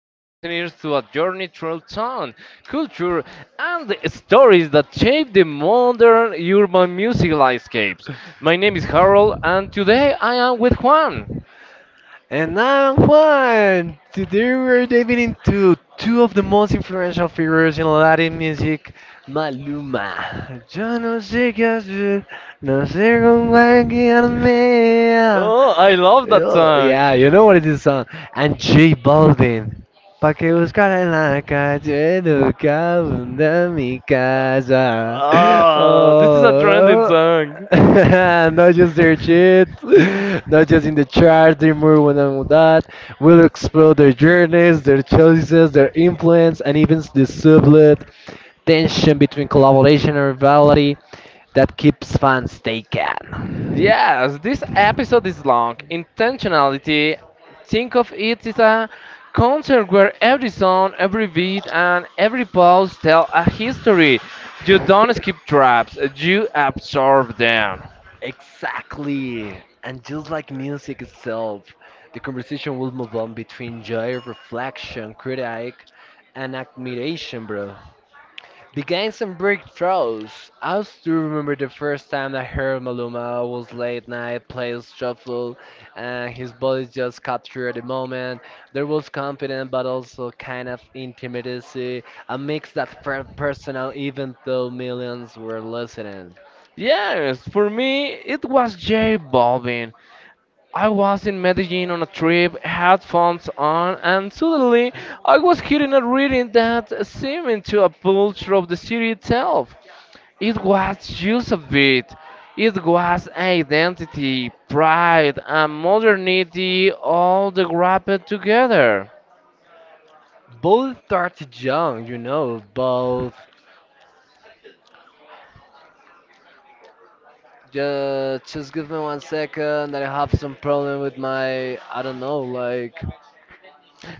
all listeners to a journey through town, culture, and the stories that shape the modern urban music landscapes. My name is Harold, and today I am with Juan. Oh, I love that song. Uh, Oh, this is a trending song. Yes, this episode is long. Intentionality. Think of it as a concert where every song, every beat, and every pause tell a history. You don't skip traps, you absorb them. Yes, for me, it was J Balvin. I was in Medellin on a trip, headphones on, and suddenly I was hearing a reading that seemed to a pulse of the city itself. It was just a bit. It was identity, pride, and modernity all wrapped together.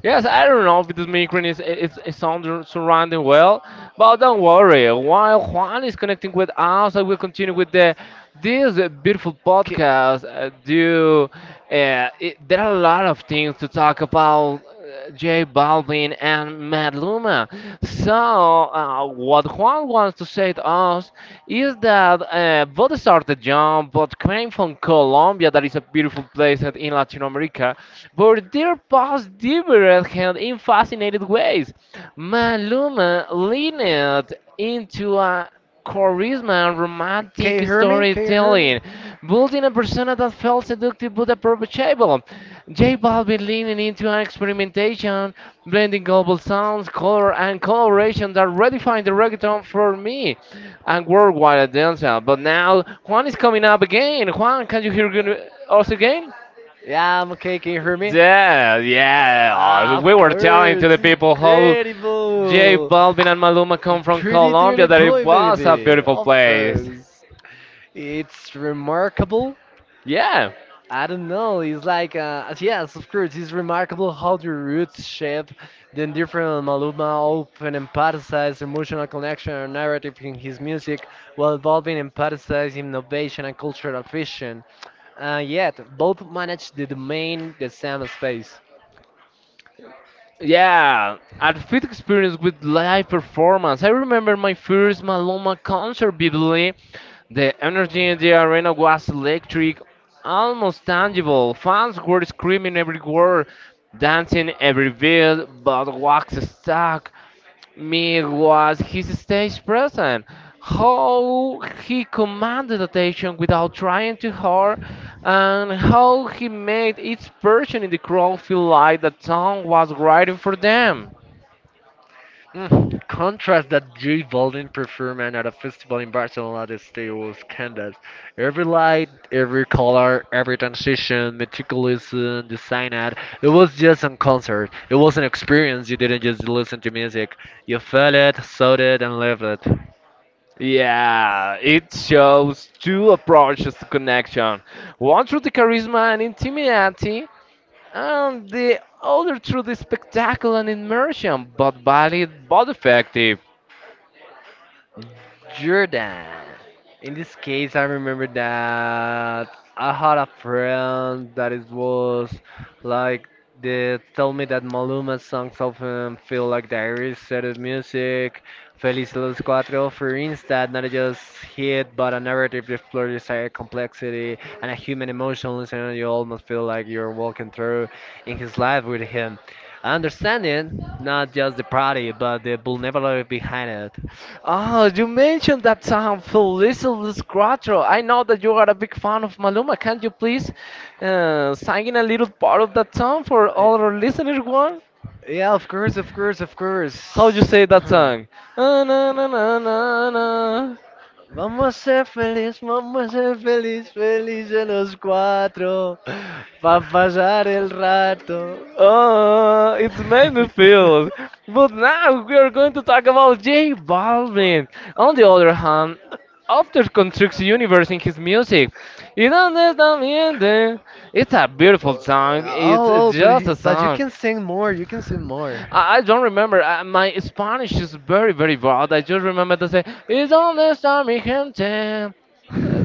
Yes, I don't know if this migrant is under, surrounding well, but don't worry. While Juan is connecting with us, I will continue with the this beautiful podcast. There are a lot of things to talk about. J Balvin and Mad Luma. So, what Juan wants to say to us is that both started young but came from Colombia. Colombia, that is a beautiful place in Latin America, but their past diverged in fascinating ways. Maluma leaned into a charisma and Can you romantic hear me? Can you hear me? storytelling, building a persona that felt seductive but approachable. J Balvin leaning into an experimentation, blending global sounds, color, and coloration that redefined the reggaeton for me and worldwide at Delta. But now Juan is coming up again. Juan, can you hear us again? Yeah, I'm okay. Can you hear me? Yeah, yeah. Oh, Ah, of we were telling course. to the people how J Incredible. Balvin and Maluma come from Pretty Colombia dearly that it boy, was a baby. beautiful Of place. course. It's remarkable. Yeah. I don't know. It's like, yes, of course, it's remarkable how the roots shape the different Maluma open emphasizes emotional connection and narrative in his music, while evolving emphasizes innovation and cultural vision. Yet, both manage the domain the same space. Yeah, a fit experience with live performance. I remember my first Maloma concert vividly. The energy in the arena was electric, almost tangible. Fans were screaming every word, dancing every beat, but wax stuck. Me was his stage presence, how he commanded attention without trying too hard, and how he made each person in the crowd feel like the town was writing for them. Contrast that J Balvin performance at a festival in Barcelona this day was candid. Every light, every color, every transition, meticulously designed. It was just a concert. It was an experience. You didn't just listen to music. You felt it, saw it, and lived it. Yeah, it shows two approaches to connection, one through the charisma and intimacy, and the other through the spectacle and immersion, but valid but effective. Jordan. In this case, I remember that I had a friend that it was like they told me that Maluma's songs often feel like diaries, set of music, Feliz Los Cuatro, for instance, not just hit but a narrative that explores desire, complexity, and a human emotion. Listening, you almost feel like you're walking through in his life with him. Understanding not just the party, but the vulnerability behind it. Oh, you mentioned that song, Feliz Cuatro. I know that you are a big fan of Maluma. Can you please sing a little part of that song for Yeah, all our listeners? One, yeah, of course, of course, of how you course. say that song? Ah, na, na, na, na, na. Vamos a ser feliz, vamos a ser feliz, felices los cuatro, pa pasar el rato. Oh, it's made me feel. But now we are going to talk about J Balvin. On the other hand, after constructs universe in his music. You don't need to be in. It's a beautiful song. It's Oh, oh, just a but you song. can sing more. You can sing more. I don't remember. My Spanish is very, very bad. I just remember to say, "Y dónde está mi gente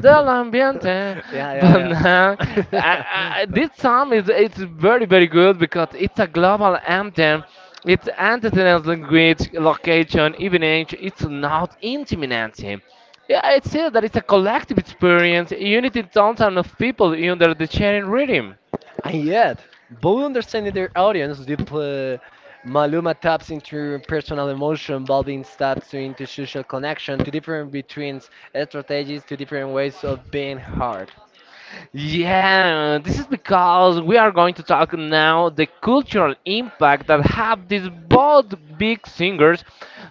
del ambiente?" Yeah, But now, yeah, yeah. This song is it's very, very good because it's a global anthem. It's antithetical language, location, even age. It's not intimidating. Yeah, I'd say that it's a collective experience, unity downtown of people under the sharing rhythm. And yet, both understanding their audience, deep, Maluma taps into personal emotion, involving steps into social connection, to different between strategies, to different ways of being heard. Yeah, this is because we are going to talk now the cultural impact that have these both big singers.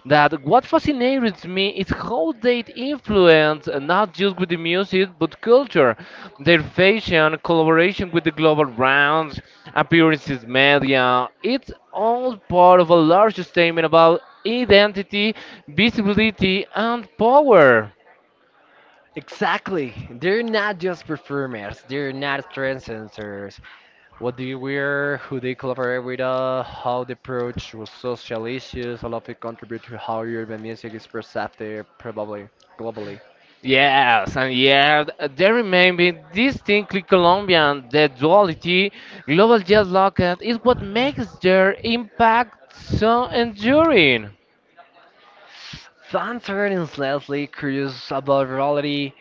That what fascinates me is how they influence not just with the music but culture, their fashion, collaboration with the global brands, appearances, media. It's all part of a larger statement about identity, visibility, and power. Exactly. They're not just performers, they're not trendsetters. What they wear, who they collaborate with, how they approach with social issues, all of it contribute to how urban music is perceived probably globally. Yes, and yeah, they remaining distinctly Colombian. The duality, global jazz locket, is what makes their impact so enduring. Fans are endlessly curious about reality.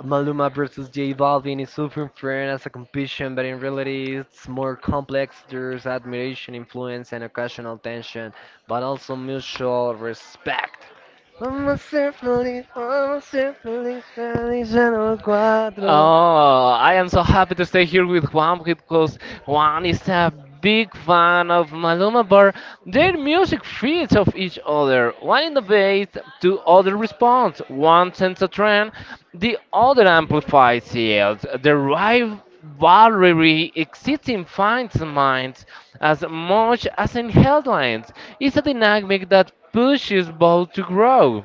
Maluma versus J Balvin is often framed as a competition, but in reality, it's more complex. There's admiration, influence, and occasional tension, but also mutual respect. Vamos a ser feliz, vamos a ser feliz, feliz en los cuatro. Oh, I am so happy to stay here with Juan because Juan One is is a a big big fan fan of Maluma of Bar. music. Their music feeds off each other. One One wants innovates, to two other follow responds. One sends a trend, trend. the All the other amplifiers amplifies here it. The derive rivalry from the exists in fans' same. minds as much as in headlines. It's a dynamic that pushes both to grow.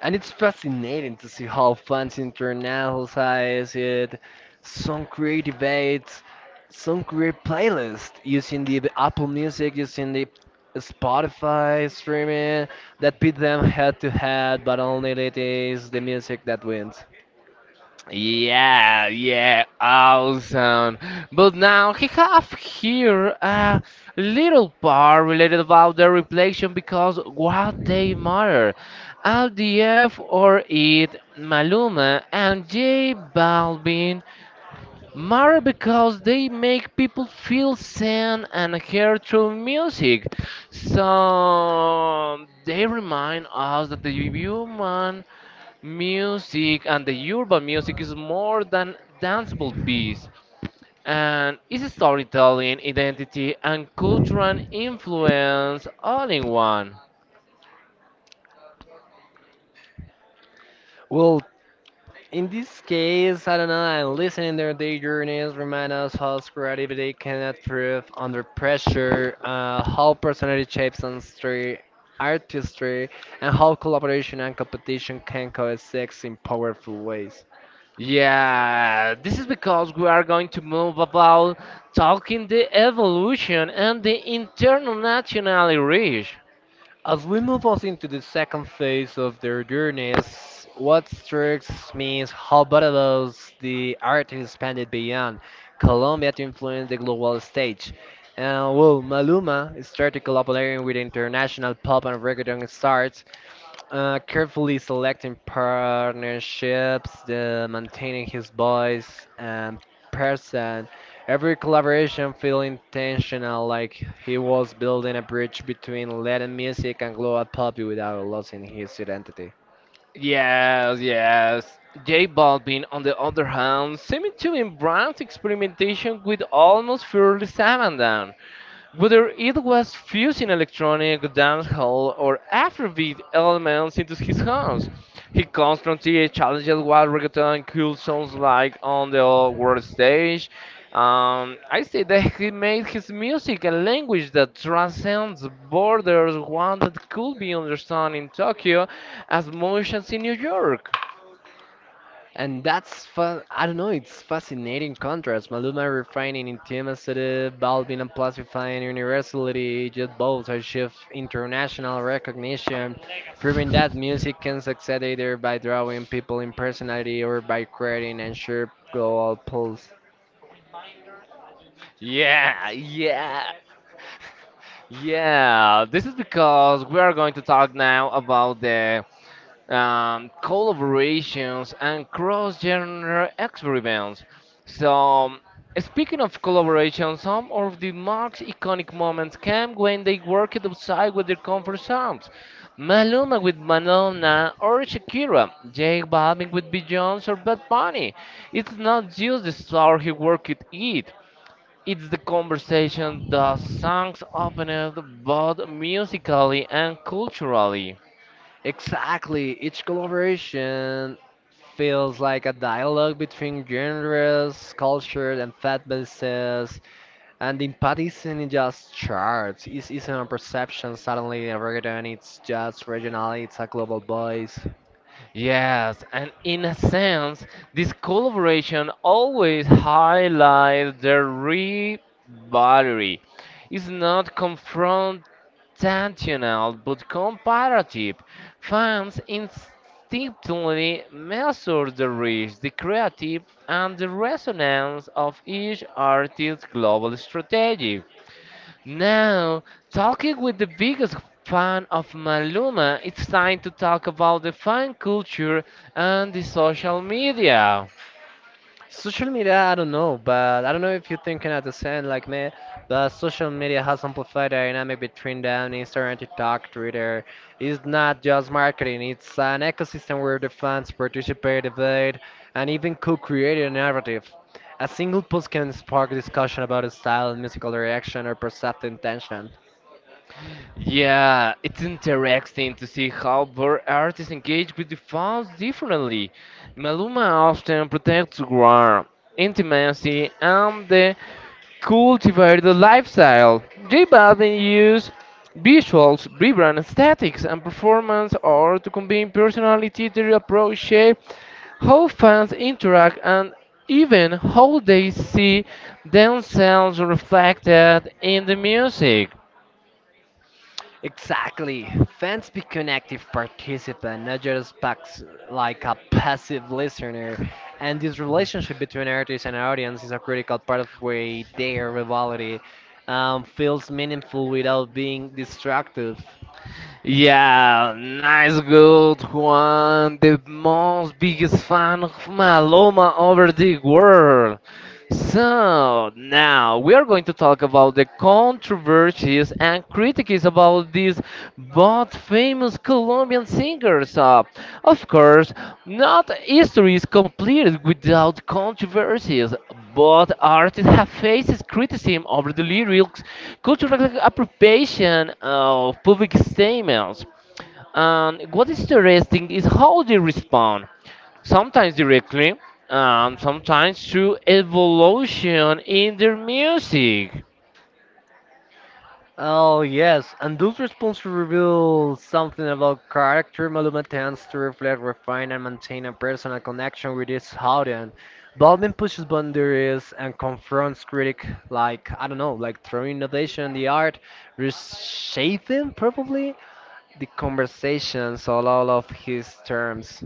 And it's fascinating to see how fans internalize it. Some create debates, some create playlists using the Apple Music, using the Spotify streaming that pit them head to head, but only it is the music that wins. Yeah, yeah, awesome. But now he have here a little part related about the reflection because what they matter. LDF or it Maluma and J Balvin matter because they make people feel seen and heard through music. So they remind us that the human music and the urban music is more than danceable beats and is storytelling, identity, and cultural influence all in one. Well, in this case, I don't know, and listening their day journeys remind us how creativity can improve under pressure, how personality shapes ancestry, artistry, and how collaboration and competition can coexist in powerful ways. Yeah, this is because we are going to move about talking the evolution and the international reach. As we move us into the second phase of their journeys, what strikes me is how Barbados the art expanded beyond Colombia to influence the global stage. And well, Maluma started collaborating with international pop and reggaeton stars carefully selecting partnerships, the maintaining his voice and person. Every collaboration feel intentional, like he was building a bridge between Latin music and global pop without losing his identity. Yes, yes. J Balvin, on the other hand, seemed to embrace experimentation with almost fearless abandon. Whether it was fusing electronic, dancehall, or Afrobeat elements into his songs, he constantly challenged what reggaeton cool sounds like on the world stage. I say that he made his music a language that transcends borders, one that could be understood in Tokyo as much as in New York. And that's, I don't know, it's fascinating contrast. Maluma refining intimacy, Balvin amplifying universality, just both achieve international recognition, proving that music can succeed either by drawing people in personality or by creating and shared global pulse. Yeah, yeah. Yeah, this is because we are going to talk now about the collaborations and cross-genre experiments. So, speaking of collaboration, some of the most iconic moments came when they worked outside with their comfort zones. Maluma with Madonna or Shakira, Jake Balvin with Beyoncé or Bad Bunny. It's not just the star he worked it. It's the conversation the songs opened both musically and culturally. Exactly, each collaboration feels like a dialogue between genres, cultures, and fan bases. And in Pat isn't just charts, it's a perception. Suddenly, in reggaeton, it's just regional, it's a global voice. Yes, and in a sense, this collaboration always highlights the rivalry. It's not confrontational but comparative. Fans instinctively measure the reach, the creative, and the resonance of each artist's global strategy. Now, talking with the biggest fan of Maluma, it's time to talk about the fan culture and the social media. Social media, I don't know, but I don't know if you're thinking at the same like me, but social media has amplified the dynamic between them, Instagram, TikTok, Twitter. It's not just marketing, it's an ecosystem where the fans participate, debate, and even co-create a narrative. A single post can spark discussion about a style, musical reaction, or perceived intention. Yeah, it's interesting to see how bird artists engage with the fans differently. Maluma often protects ground, intimacy, and the cultivated lifestyle. J Balvin uses visuals, vibrant aesthetics, and performance art to combine personality to approach shape, how fans interact, and even how they see themselves reflected in the music. Exactly. Fans become active participants, not just packs like a passive listener. And this relationship between artist and audience is a critical part of why their rivalry feels meaningful without being destructive. Yeah, nice, good one. The most biggest fan of Maloma over the world. So now we are going to talk about the controversies and critiques about these both famous Colombian singers. Of course, not history is completed without controversies, but artists have faced criticism over the lyrics, cultural appropriation of public statements. And what is interesting is how they respond. Sometimes directly, and sometimes through evolution in their music. Oh yes, and those responses reveal something about character. Maluma tends to reflect, refine, and maintain a personal connection with his audience. Baldwin pushes boundaries and confronts critic like I don't know, like through innovation in the art, reshaping probably the conversations on all of his terms.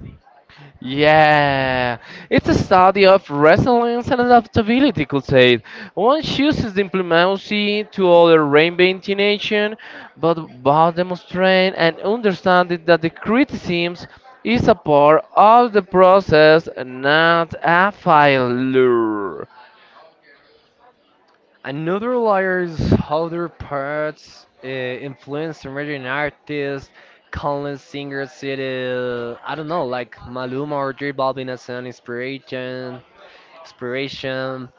Yeah, it's a study of resilience and adaptability, could say. One chooses diplomacy to other reinvention, but both demonstrate and understanding that the criticisms is a part of the process, not a failure. Another layers how their parts influence emerging artists, countless singers, it is, I don't know, like Maluma or J Balvin as an inspiration, inspiration,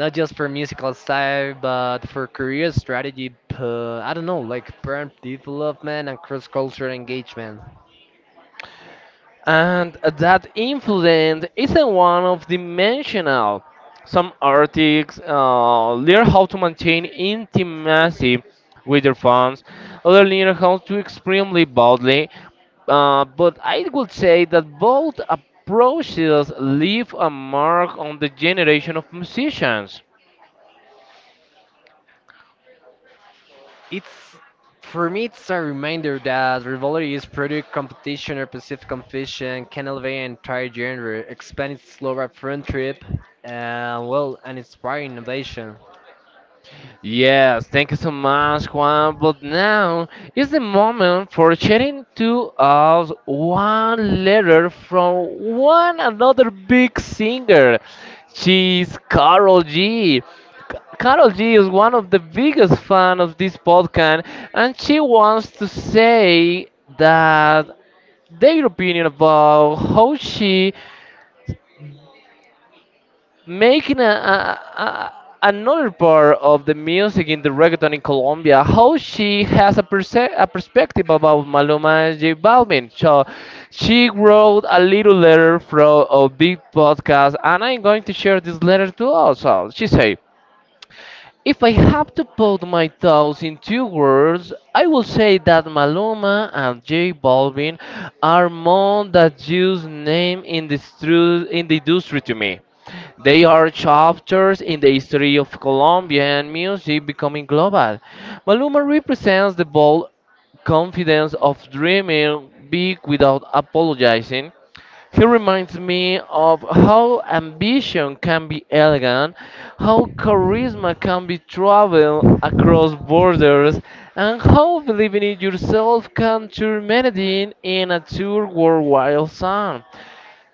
not just for musical style, but for career strategy, I don't know, like brand development and cross-cultural engagement. And that influence isn't one of dimensional. Some artists learn how to maintain intimacy with their fans, others learn how to extremely boldly. But I would say that both approaches leave a mark on the generation of musicians. It's for me, it's a reminder that rivalry is product competition or perceived competition can elevate an entire genre, expand its global front trip, and well, and inspire innovation. Yes, thank you so much, Juan. But now is the moment for sharing to us one letter from one another big singer. She's Carol G. Carol G is one of the biggest fan of this podcast, and she wants to say that their opinion about how she making a another part of the music in the reggaeton in Colombia, how she has a, a perspective about Maluma and J Balvin. So she wrote a little letter from a big podcast, and I'm going to share this letter to us. So she said, if I have to put my thoughts in two words, I will say that Maluma and J Balvin are more than just name in the, in the industry to me. They are chapters in the history of Colombian music becoming global. Maluma represents the bold confidence of dreaming big without apologizing, he reminds me of how ambition can be elegant, how charisma can be travel across borders, and how believing in yourself can turn melody in a tour worldwide song.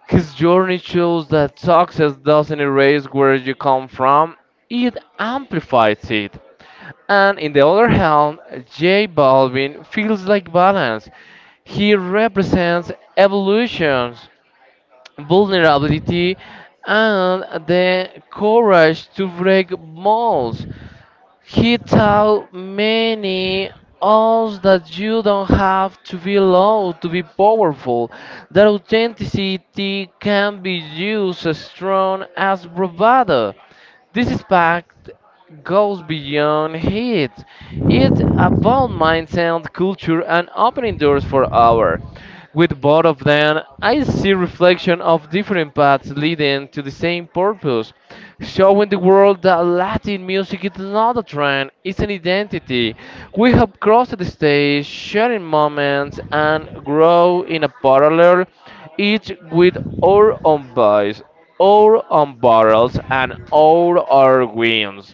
His journey shows that success doesn't erase where you come from, it amplifies it. And in the other hand, J Balvin feels like balance. He represents evolution, vulnerability, and the courage to break molds. He taught many us that you don't have to be low to be powerful, that authenticity can be used as strong as bravado. This impact goes beyond hate. It's about mindset, culture, and opening doors for our. With both of them, I see reflection of different paths leading to the same purpose, showing the world that Latin music is not a trend, it's an identity. We have crossed the stage, sharing moments, and grow in a parallel, each with our own voice, our own battles, and all our wins.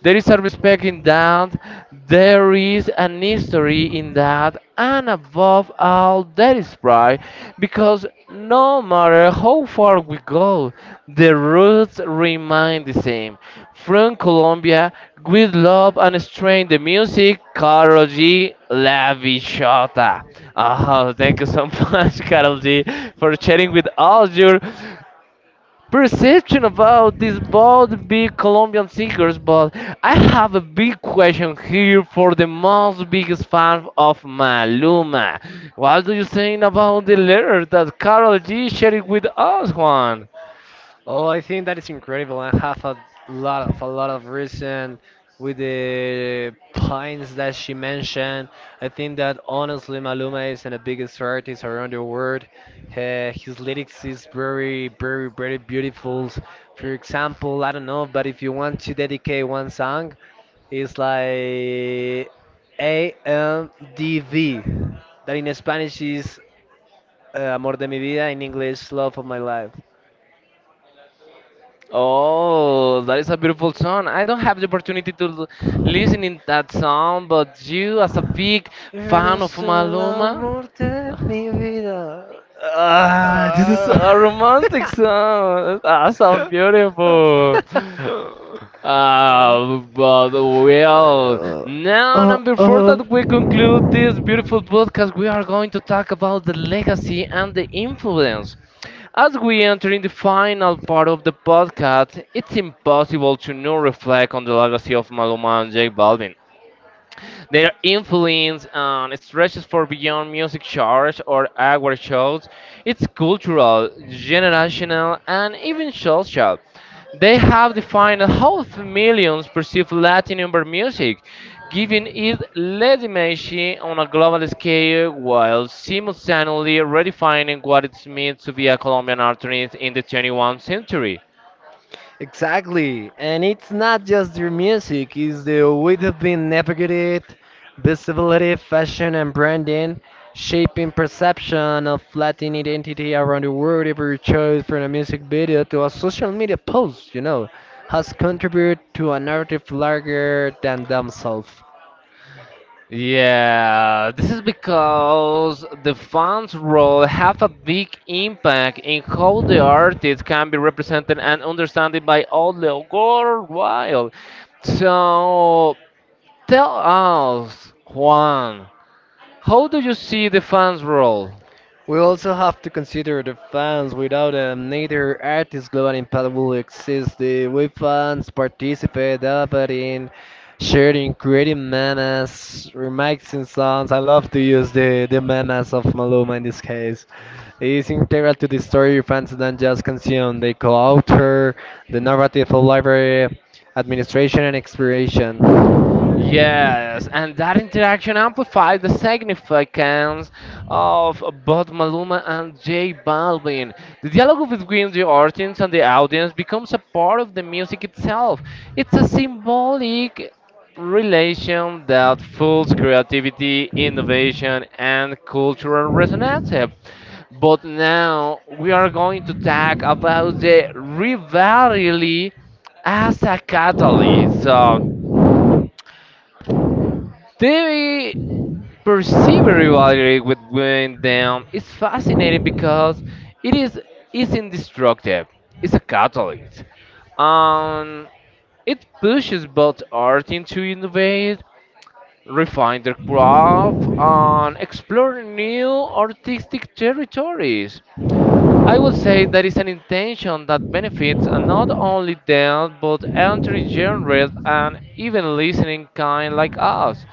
There is a respect in that, there is an history in that, and above all, there is pride, because no matter how far we go, the roots remain the same. From Colombia, we love and strain the music, Carol G. La Bichota. Oh, thank you so much, Carol G, for sharing with all your perception about these both big Colombian singers, but I have a big question here for the most biggest fan of Maluma. What do you think about the letter that Carol G shared with us, Juan? Oh, I think that is incredible and have a lot of reason with the points that she mentioned. I think that honestly Maluma is one of the biggest artists around the world. His lyrics is very, very, very beautiful. For example, I don't know, but if you want to dedicate one song, it's like AMDV. That in Spanish is Amor de mi vida, in English, Love of my life. Oh, that is a beautiful song. I don't have the opportunity to listen in that song, but you, as a big fan of Eres el Maluma, amor de mi vida. ah, this is Ah. a romantic song. Ah, so beautiful. But well, now Oh, and before oh. that we conclude this beautiful podcast, we are going to talk about the legacy and the influence. As we enter in the final part of the podcast, it's impossible to not reflect on the legacy of Maluma and J Balvin. Their influence stretches for beyond music charts or award shows. It's cultural, generational, and even social. They have defined how millions perceive Latin urban music, giving it legitimacy on a global scale while simultaneously redefining what it means to be a Colombian artist in the 21st century. Exactly, and it's not just their music, it's the way they've been navigated, visibility, fashion, and branding, shaping perception of Latin identity around the world. Every choice from a music video to a social media post, you know, has contributed to a narrative larger than themselves. Yeah, this is because the fans role have a big impact in how the artist can be represented and understood by all the worldwide. So tell us, Juan, how do you see the fans role? We also have to consider the fans. Without them, neither artist global impact will exist. The way fans participate, debating, sharing, creating memes, remixing songs. I love to use the memes of Maluma in this case. It's integral to the story fans don't just consume. They co-author the narrative of library. Administration and expiration. Yes, and that interaction amplifies the significance of both Maluma and J Balvin. The dialogue between the artist and the audience becomes a part of the music itself. It's a symbolic relation that fuels creativity, innovation, and cultural resonance. But now we are going to talk about the rivalry as a catalyst. So, TV Perceived rivalry between them is fascinating because it is indestructive. It's a catalyst. Um, it pushes both art into innovate, refine their craft, and explore new artistic territories. I would say that is an intention that benefits not only them but entry genres and even listening kind like us,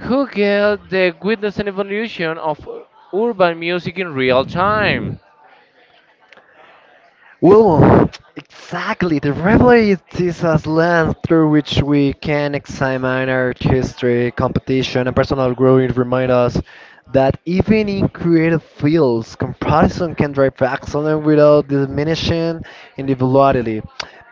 who get the witness and evolution of urban music in real time. Well, exactly. The rivalry is a lens through which we can examine our history, competition, and personal growth. It reminds us that even in creative fields, comparison can drive excellence without diminishing individuality.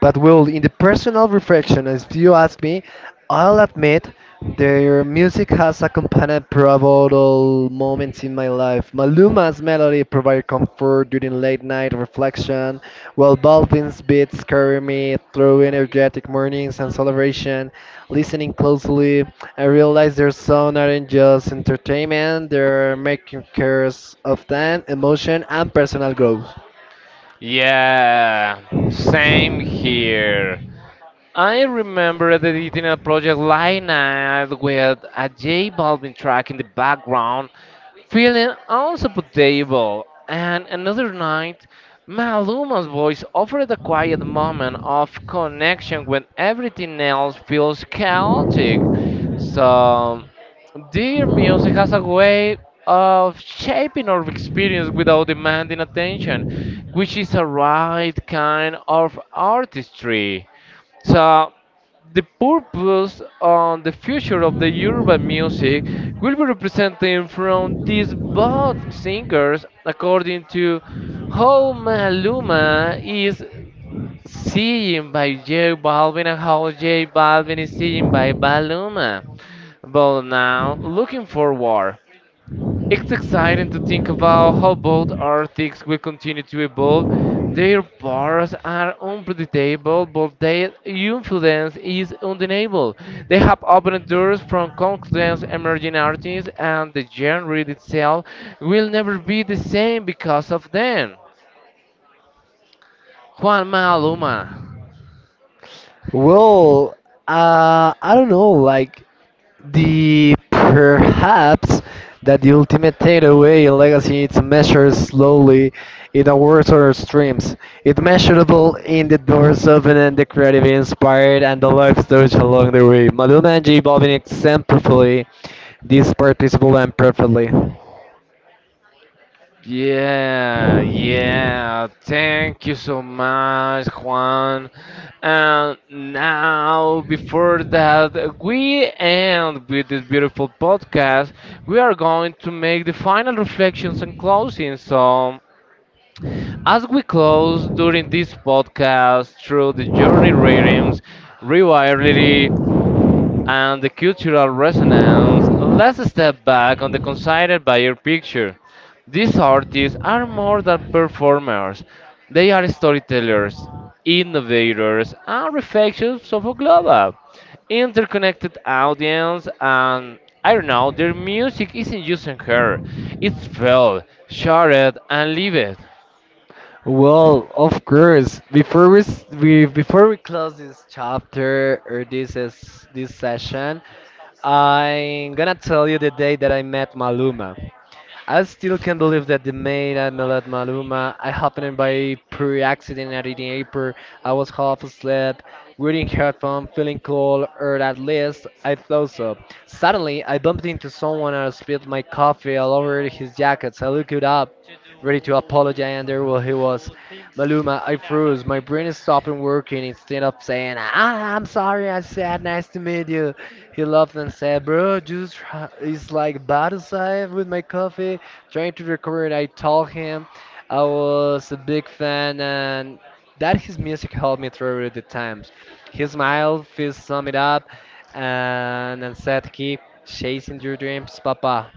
But, well, in the personal reflection, as you ask me, I'll admit. Their music has accompanied pivotal moments in my life. Maluma's melody provided comfort during late night reflection, while Baldwin's beats carry me through energetic mornings and celebration. Listening closely, I realize their sound aren't just entertainment, they're making cares of time, emotion, and personal growth. Yeah, same here. I remember editing a project like night with a J Balvin track in the background, feeling unsupportable. And another night, Maluma's voice offered a quiet moment of connection when everything else feels chaotic. So, dear music has a way of shaping our experience without demanding attention, which is a right kind of artistry. So the purpose on the future of the urban music will be represented from these both singers according to how Maluma is seen by J Balvin and how J Balvin is seen by Maluma. But now looking forward. It's exciting to think about how both artists will continue to evolve. Their powers are unpredictable, but their influence is undeniable. They have opened doors from countless emerging artists, and the genre itself will never be the same because of them. Juan Maluma. Well, I don't know, like the perhaps that the ultimate takeaway in legacy is measured slowly in awards or streams. It's measurable in the doors open and the creative inspired and the lives touched along the way. Madonna and J Balvin exemplify this participable and perfectly. Yeah, yeah. Thank you so much, Juan. And now, before that, we end with this beautiful podcast. We are going to make the final reflections and closing. So, as we close during this podcast through the journey ratings, rewirely and the cultural resonance, let's step back on the considered buyer picture. These artists are more than performers, they are storytellers, innovators, and reflections of a global, interconnected audience, and I don't know, their music isn't just in her, it's felt, shared, and lived. Well, of course. Before we close this chapter or this is this session, I'm gonna tell you the day that I met Maluma. I still can't believe that the maid I met Maluma, I happened by pure accident at the airport. I was half asleep, wearing headphones, feeling cold, or at least I thought so. Suddenly, I bumped into someone and spilled my coffee all over his jacket. So I looked up, ready to apologize, and there he was. Maluma, I froze. My brain is stopping working instead of saying, ah, I'm sorry, I said nice to meet you. He laughed and said, Bro, just is like bottle side with my coffee. Trying to record, I told him I was a big fan and that his music helped me through the times. He smiled, fist summed it up, and said, Keep chasing your dreams, Papa.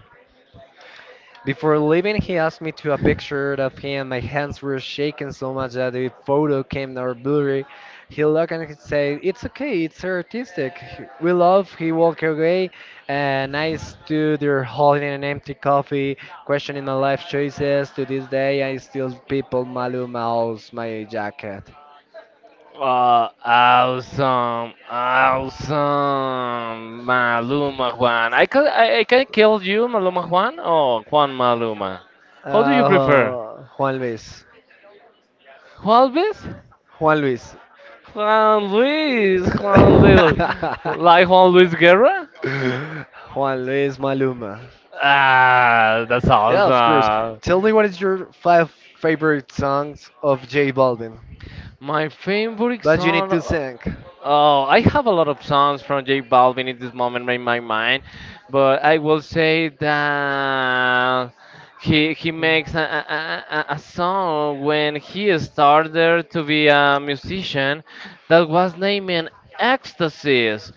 Before leaving, he asked me to a picture of him. My hands were shaking so much that the photo came out blurry. He looked and he said, "It's okay. It's artistic. We love." He walked away, and I stood there holding an empty coffee, questioning my life choices. To this day, I still people Maluma owes my jacket. Well, awesome, awesome, Maluma Juan. I can I can kill you, Maluma Juan, or Juan Maluma. How do you prefer? Juan Luis. Juan Luis? Juan Luis. Juan Luis, Juan Luis, like Juan Luis Guerra? Juan Luis Maluma. Ah, that's Yeah, of course. awesome. Tell me what is your 5 favorite songs of J Balvin? My favorite But you need to song. sing. Oh, I have a lot of songs from J Balvin in this moment in my mind, but I will say that he makes a song when he started to be a musician that was named Ecstasies.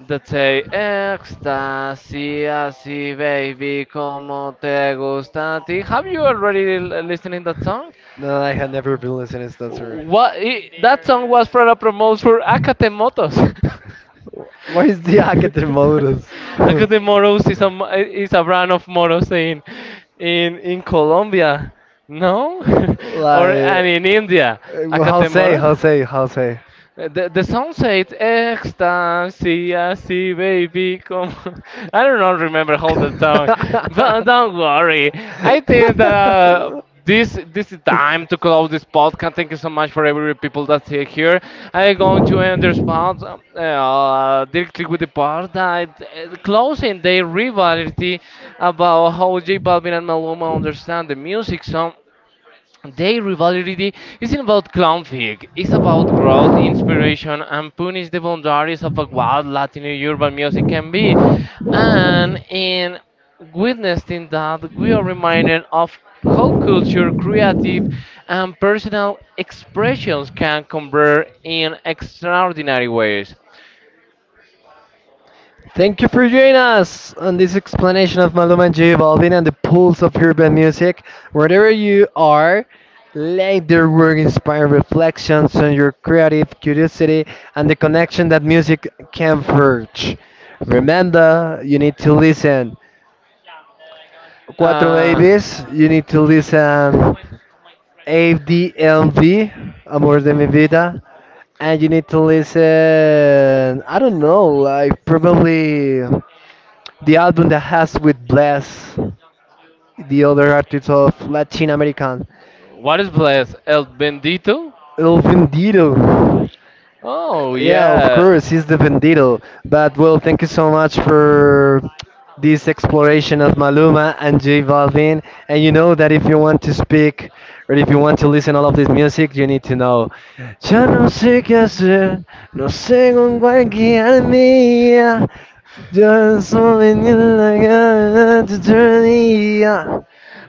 That say ecstasy, así, baby, como te gusta a ti. Have you already listening that Yeah. song? No, I had never been listening to that term. What I that song was for a promote for Acatemotos. What is the Akatemotos? Because the moros is is a brand of moros in in Colombia, no, or and Like, in India, acate Jose, Acatemoros. Jose, Jose. The song said ecstasy, I see baby, come. On." I do not remember how the song, but don't worry. I think that this is time to close this podcast. Thank you so much for every people that's here. I'm going to end this part directly with the part that closing the rivalry about how J Balvin and Maluma understand the music. So. Their rivalry isn't about conflict, it's about growth, inspiration, and punish the boundaries of what Latin urban music can be. And in witnessing that, we are reminded of how culture, creative, and personal expressions can convert in extraordinary ways. Thank you for joining us on this explanation of Malum and J Balvin and the pulse of urban music. Wherever you are, let their work inspire reflections on your creative curiosity and the connection that music can forge. Remember, you need to listen. Cuatro Uh, babies, you need to listen ADMV, Amor de mi vida, and you need to listen, I don't know, like probably the album that has with Bless, the other artist of Latin American, what is blessed? El Bendito? El Vendido. Oh, Yeah, of yes. course, he's the Vendito. But well, thank you so much for this exploration of Maluma and J Balvin. And you know that if you want to speak or if you want to listen all of this music, you need to know. Ya no sé qué hacer, no sé con cuál guiarme. Ya solo en la cara te tenía.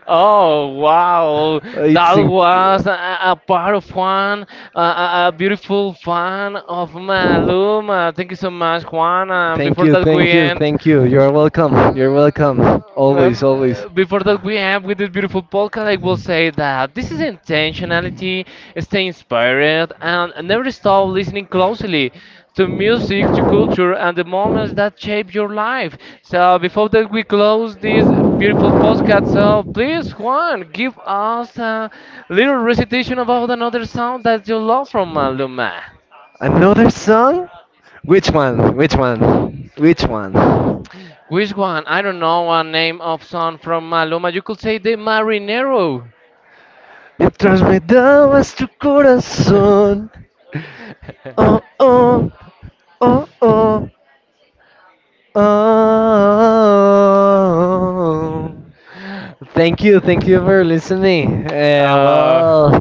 Oh wow, It's that inc- was a part of Juan, a beautiful fan of Maluma. Thank you so much, Juan. And before that, Thank we end. you. You're welcome. You're welcome. Always, Um, always. before that we end with this beautiful podcast, I will say that this is intentionality, stay inspired, and never stop listening closely to music, to culture, and the moments that shape your life. So before that we close this beautiful podcast, so please, Juan, give us a little recitation about another song that you love from Maluma. Another song? Which one? Which one? Which one? Which one? I don't know a name of song from Maluma. You could say the Marinero. Mientras me dabas tu corazón. Oh, oh, oh, oh, oh. Thank you for listening. Uh,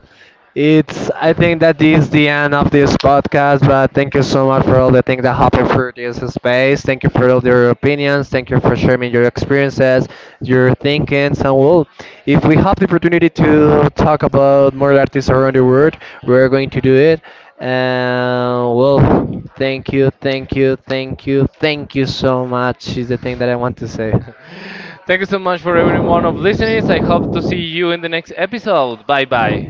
It's I think that is the end of this podcast. But thank you so much for all the things that happened through this space. Thank you for all your opinions. Thank you for sharing your experiences, your thinkings, and well, if we have the opportunity to talk about more artists around the world, we're going to do it. And well, thank you, thank you, thank you, thank you so much. Is the thing that I want to say. Thank you so much for everyone of listening. I hope to see you in the next episode. Bye bye.